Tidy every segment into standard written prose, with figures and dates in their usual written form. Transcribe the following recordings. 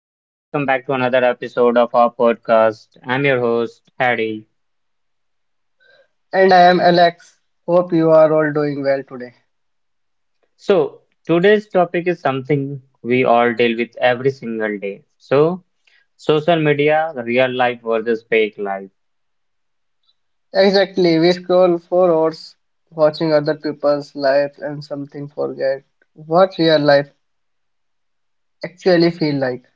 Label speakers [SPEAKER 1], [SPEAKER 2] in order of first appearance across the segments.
[SPEAKER 1] and welcome back to another episode of our podcast. I'm your host, Harry.
[SPEAKER 2] And I am Alex. Hope you are all doing well today.
[SPEAKER 1] So, today's topic is something we all deal with every single day. So, social media, real life versus fake life.
[SPEAKER 2] Exactly, we scroll for hours watching other people's lives and something forget what real life actually feel like.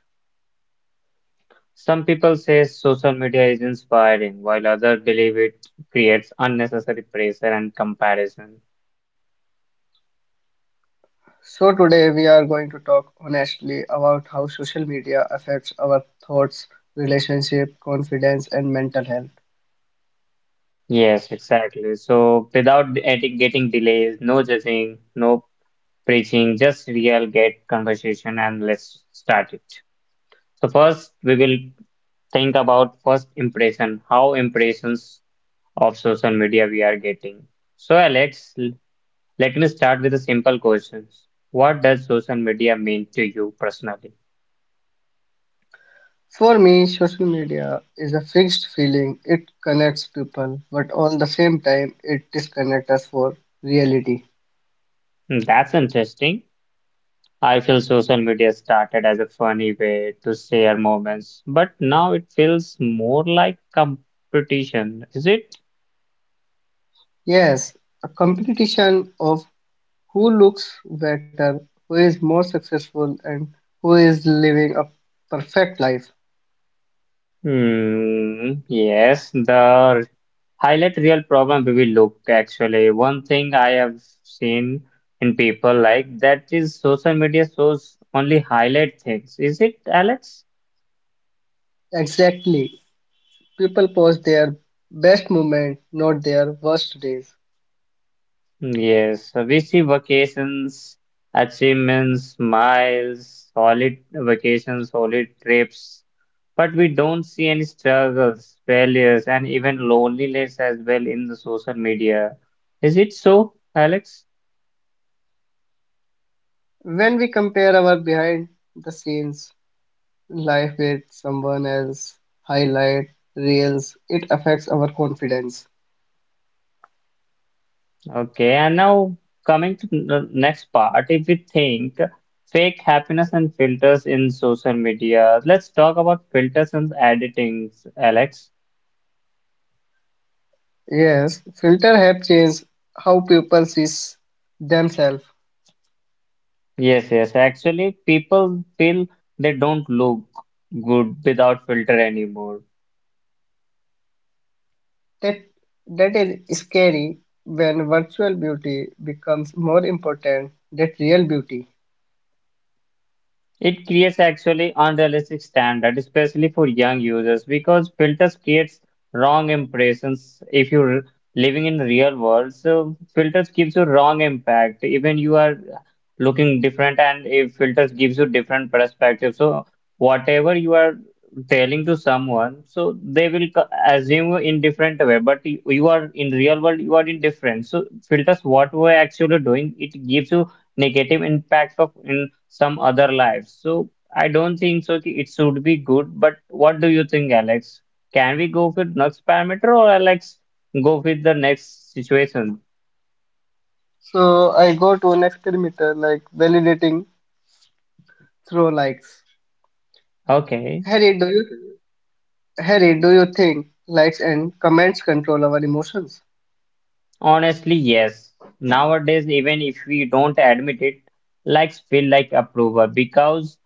[SPEAKER 1] Some people say social media is inspiring, while others believe it creates unnecessary pressure and comparison.
[SPEAKER 2] So today we are going to talk honestly about how social media affects our thoughts, relationship, confidence and mental health.
[SPEAKER 1] Yes, exactly. So, without getting delays, no judging, no preaching, just real get conversation, and let's start it. So first we will think about first impression, how impressions of social media we are getting. So Alex, let me start with a simple question. What does social media mean to you personally?
[SPEAKER 2] For me, social media is a fixed feeling. It connects people, but on the same time it disconnects us for reality.
[SPEAKER 1] Hmm, that's interesting. I feel social media started as a funny way to share moments, but now it feels more like competition, is it?
[SPEAKER 2] Yes, a competition of who looks better, who is more successful, and who is living a perfect life.
[SPEAKER 1] Hmm, yes, the highlight real problem we will look. Actually, one thing I have seen in people like that is social media shows only highlight things, is it, Alex?
[SPEAKER 2] Exactly. People post their best moment, not their worst days.
[SPEAKER 1] Yes, we see vacations, achievements, miles, solid vacations, solid trips, but we don't see any struggles, failures, and even loneliness as well in the social media, is it so, Alex?
[SPEAKER 2] When we compare our behind the scenes life with someone else's highlight reels, it affects our confidence.
[SPEAKER 1] Okay, and now coming to the next part, if we think fake happiness and filters in social media, let's talk about filters and editings, Alex.
[SPEAKER 2] Yes, filter have changed how people see themselves.
[SPEAKER 1] Yes, yes, actually, people feel they don't look good without filter anymore.
[SPEAKER 2] That, that is scary when virtual beauty becomes more important than real beauty.
[SPEAKER 1] It creates actually unrealistic standard, especially for young users, because filters creates wrong impressions. If you're living in real world, so filters gives you wrong impact. Even you are looking different, and if filters gives you different perspective, so whatever you are telling to someone, so they will assume you in different way. But you are in real world, you are in different. So filters, what we're actually doing, it gives you negative impact of in some other lives. So I don't think so कि it should be good. But what do you think, Alex? Can we go with next parameter, or Alex go with the next situation?
[SPEAKER 2] So I go to an experimenter like validating through likes.
[SPEAKER 1] Okay.
[SPEAKER 2] Harry, do you? Harry, do you think likes and comments control our emotions?
[SPEAKER 1] Honestly, yes. Nowadays, even if we don't admit it, likes feel like approval, because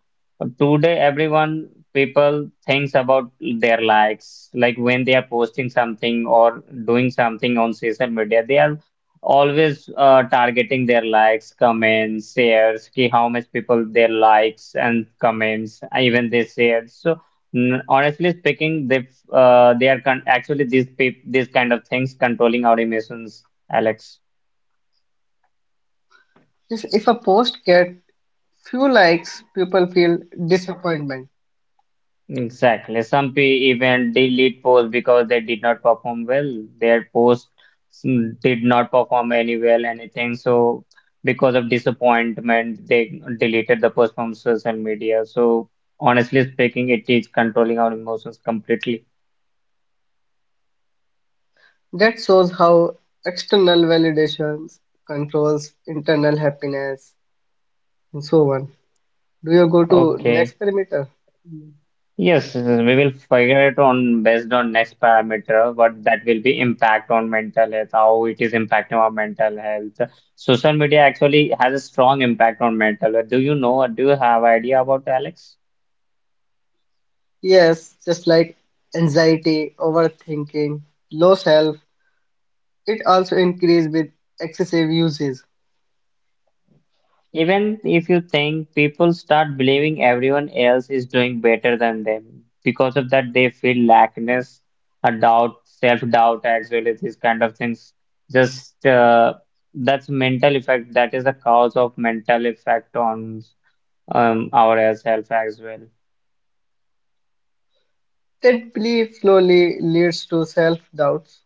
[SPEAKER 1] today everyone people thinks about their likes. Like when they are posting something or doing something on social media, they are always targeting their likes, comments, shares, ki how much people their likes and comments, even they shared. So honestly speaking, they are con actually these peop these kind of things controlling our emotions. Alex.
[SPEAKER 2] If a post gets few likes, people feel disappointment.
[SPEAKER 1] Exactly. Some P even delete posts because they did not perform well. Their posts did not perform any well, anything. So because of disappointment, they deleted the post from social media. So honestly speaking, it is controlling our emotions completely.
[SPEAKER 2] That shows how external validations controls internal happiness and so on. Do you go to next
[SPEAKER 1] Okay.
[SPEAKER 2] perimeter?
[SPEAKER 1] Yes, we will figure it on based on next parameter, what that will be impact on mental health, how it is impacting our mental health. Social media actually has a strong impact on mental health. Do you know or do you have idea about, Alex?
[SPEAKER 2] Yes, just like anxiety, overthinking, low self, it also increases with excessive uses.
[SPEAKER 1] Even if you think people start believing everyone else is doing better than them, because of that they feel lackness, a doubt, self-doubt as well as these kind of things. Just That's mental effect, that is the cause of mental effect on ourselves as well.
[SPEAKER 2] That belief slowly leads to self-doubts.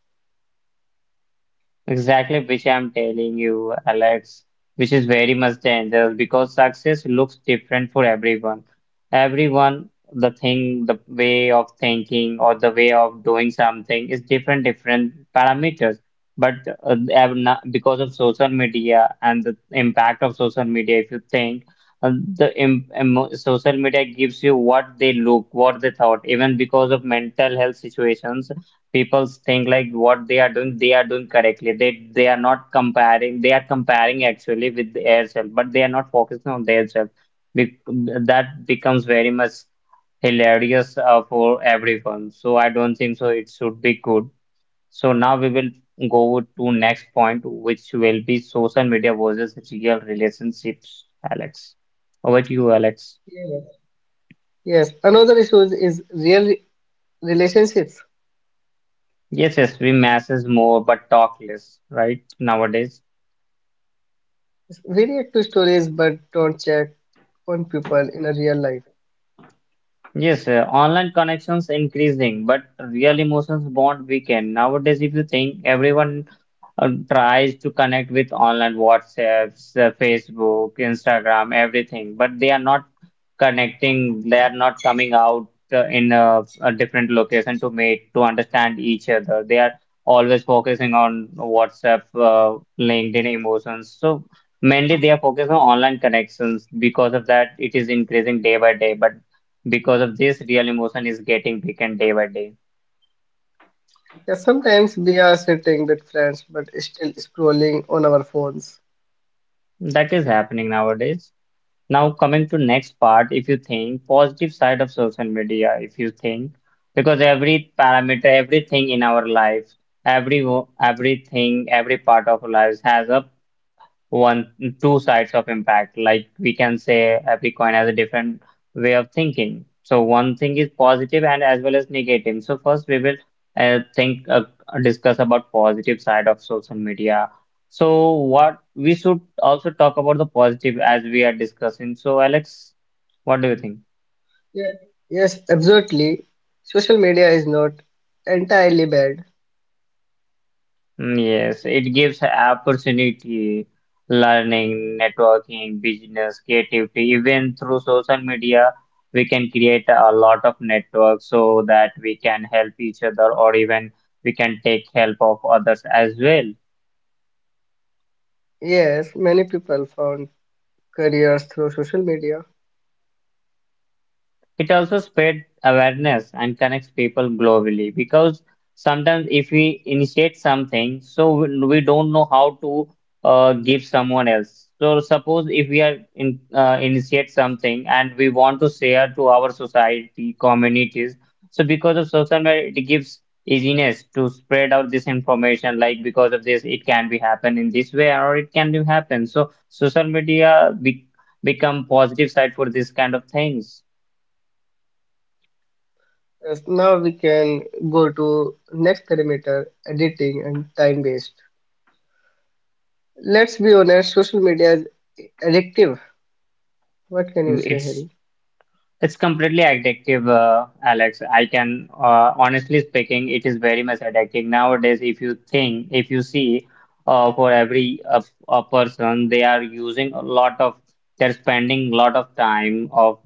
[SPEAKER 1] Exactly, which I'm telling you, Alex, which is very much dangerous because success looks different for everyone. Everyone, the thing, the way of thinking or the way of doing something is different, different parameters. But because of social media and the impact of social media, if you think, social media gives you what they look, what they thought, even because of mental health situations, people think like what they are doing, they are doing correctly, they are not comparing, they are comparing actually with themselves, but they are not focusing on themselves. Be- that becomes very much hilarious for everyone. So I don't think so it should be good. So now we will go to next point, which will be social media versus real relationships, Alex, over to you, Alex.
[SPEAKER 2] Yes. Yes, another issue is real relationships.
[SPEAKER 1] Yes, yes, we message more but talk less, right, nowadays.
[SPEAKER 2] We react to stories but don't check on people in a real life.
[SPEAKER 1] Yes, online connections increasing, but real emotions bond weaken. Nowadays, if you think, everyone tries to connect with online WhatsApps, Facebook, Instagram, everything, but they are not connecting. They are not coming out in a different location to meet to understand each other. They are always focusing on WhatsApp, LinkedIn emotions. So mainly they are focused on online connections. Because of that, it is increasing day by day. But because of this, real emotion is getting weakened day by day.
[SPEAKER 2] Yeah, sometimes we are sitting with friends but still scrolling on our phones.
[SPEAKER 1] That is happening nowadays. Now coming to next part, if you think positive side of social media, if you think, because every parameter, everything in our life, everything, every part of our lives has a one two sides of impact, like we can say every coin has a different way of thinking. So one thing is positive and as well as negative. So first we will think discuss about positive side of social media. So what we should also talk about the positive as we are discussing. So Alex, what do you think?
[SPEAKER 2] Yeah. Yes, absolutely. Social media is not entirely bad.
[SPEAKER 1] Mm, yes, it gives opportunity, learning, networking, business, creativity. Even through social media, we can create a lot of networks so that we can help each other, or even we can take help of others as well.
[SPEAKER 2] Yes, many people found careers through social media.
[SPEAKER 1] It also spread awareness and connects people globally, because sometimes if we initiate something, so we don't know how to give someone else. So suppose if we are in, initiate something and we want to share to our society, communities. So because of social media, it gives easiness to spread out this information. Like because of this, it can be happen in this way, or it can be happen. So social media be become positive side for this kind of things.
[SPEAKER 2] As now we can go to next parameter: editing and time-based. Let's be honest, social media is addictive. What can you say,
[SPEAKER 1] It's
[SPEAKER 2] Harry?
[SPEAKER 1] it's completely addictive, Alex. I can honestly speaking, it is very much addictive nowadays. If you think, if you see, for every a person, they are using a lot of, they're spending a lot of time of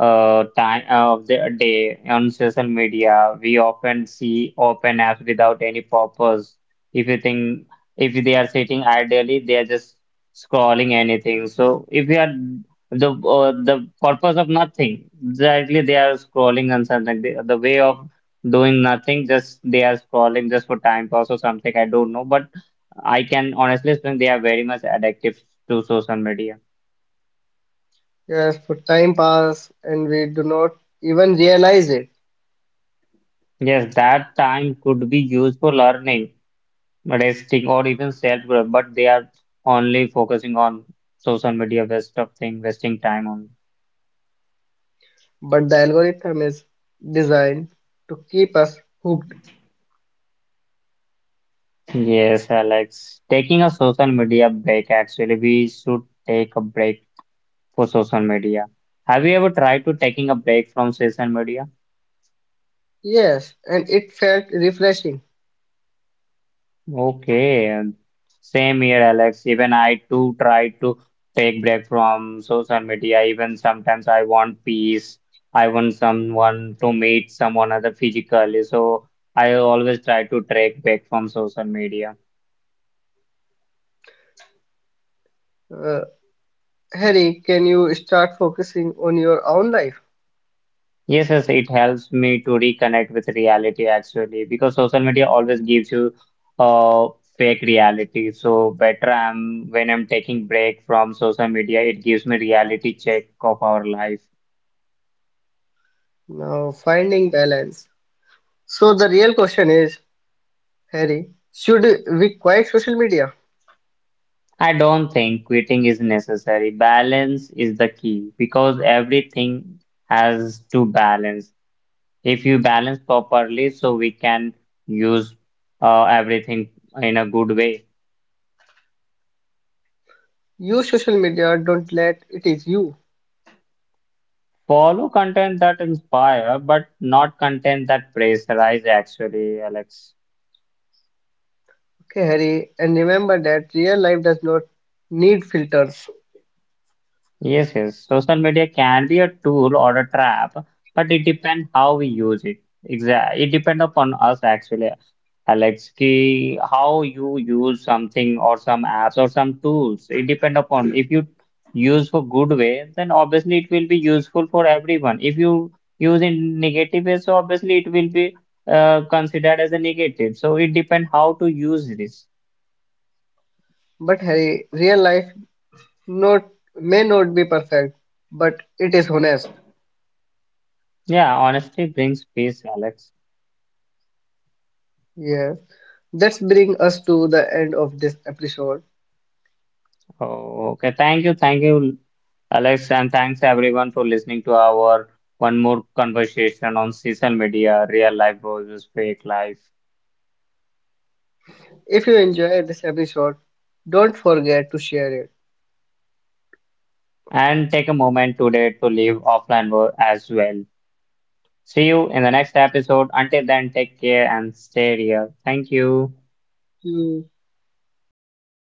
[SPEAKER 1] uh time uh, of their day on social media. We often see open apps without any purpose. If you think, if they are sitting ideally, they are just scrolling anything. So if you are the purpose of nothing. Exactly, they are scrolling and something. The way of doing nothing, just they are scrolling just for time pass or something. I don't know, but I can honestly think they are very much addictive to social media.
[SPEAKER 2] Yes, for time pass and we do not even realize it.
[SPEAKER 1] Yes, that time could be used for learning, resting, or even self-growth, but they are only focusing on social media waste of thing, wasting time on.
[SPEAKER 2] But the algorithm is designed to keep us hooked.
[SPEAKER 1] Yes, Alex. Taking a social media break, actually, we should take a break for social media. Have you ever tried to taking a break from social media?
[SPEAKER 2] Yes, and it felt refreshing.
[SPEAKER 1] Okay, same here, Alex. Even I too try to take break from social media. Even sometimes I want peace. I want someone to meet someone other physically. So I always try to take break from social media.
[SPEAKER 2] Uh, Harry, can you start focusing on your own life?
[SPEAKER 1] Yes, yes, it helps me to reconnect with reality actually, because social media always gives you uh, fake reality. So better I'm when I'm taking break from social media, it gives me reality check of our life.
[SPEAKER 2] Now, finding balance. So the real question is, Harry, should we quiet social media?
[SPEAKER 1] I don't think quitting is necessary. Balance is the key, because everything has to balance. If you balance properly, so we can use everything in a good way.
[SPEAKER 2] Use social media, don't let it is you.
[SPEAKER 1] Follow content that inspire, but not content that pressurize, actually, Alex.
[SPEAKER 2] Okay, Harry, and remember that real life does not need filters.
[SPEAKER 1] Yes, yes. Social media can be a tool or a trap, but it depends how we use it. Exactly. It depends upon us actually, Alex, ki how you use something or some apps or some tools. It depends upon if you use for good way, then obviously it will be useful for everyone. If you use in negative way, so obviously it will be considered as a negative. So it depends how to use this.
[SPEAKER 2] But Harry, real life not may not be perfect, but it is honest.
[SPEAKER 1] Yeah, honesty brings peace, Alex.
[SPEAKER 2] Yes. That's bring us to the end of this episode.
[SPEAKER 1] Oh, okay. Thank you. Thank you, Alex. And thanks everyone for listening to our one more conversation on social media, real life versus fake life.
[SPEAKER 2] If you enjoyed this episode, don't forget to share it.
[SPEAKER 1] And take a moment today to leave offline world as well. See you in the next episode. Until then, take care and stay real. Thank you.
[SPEAKER 2] To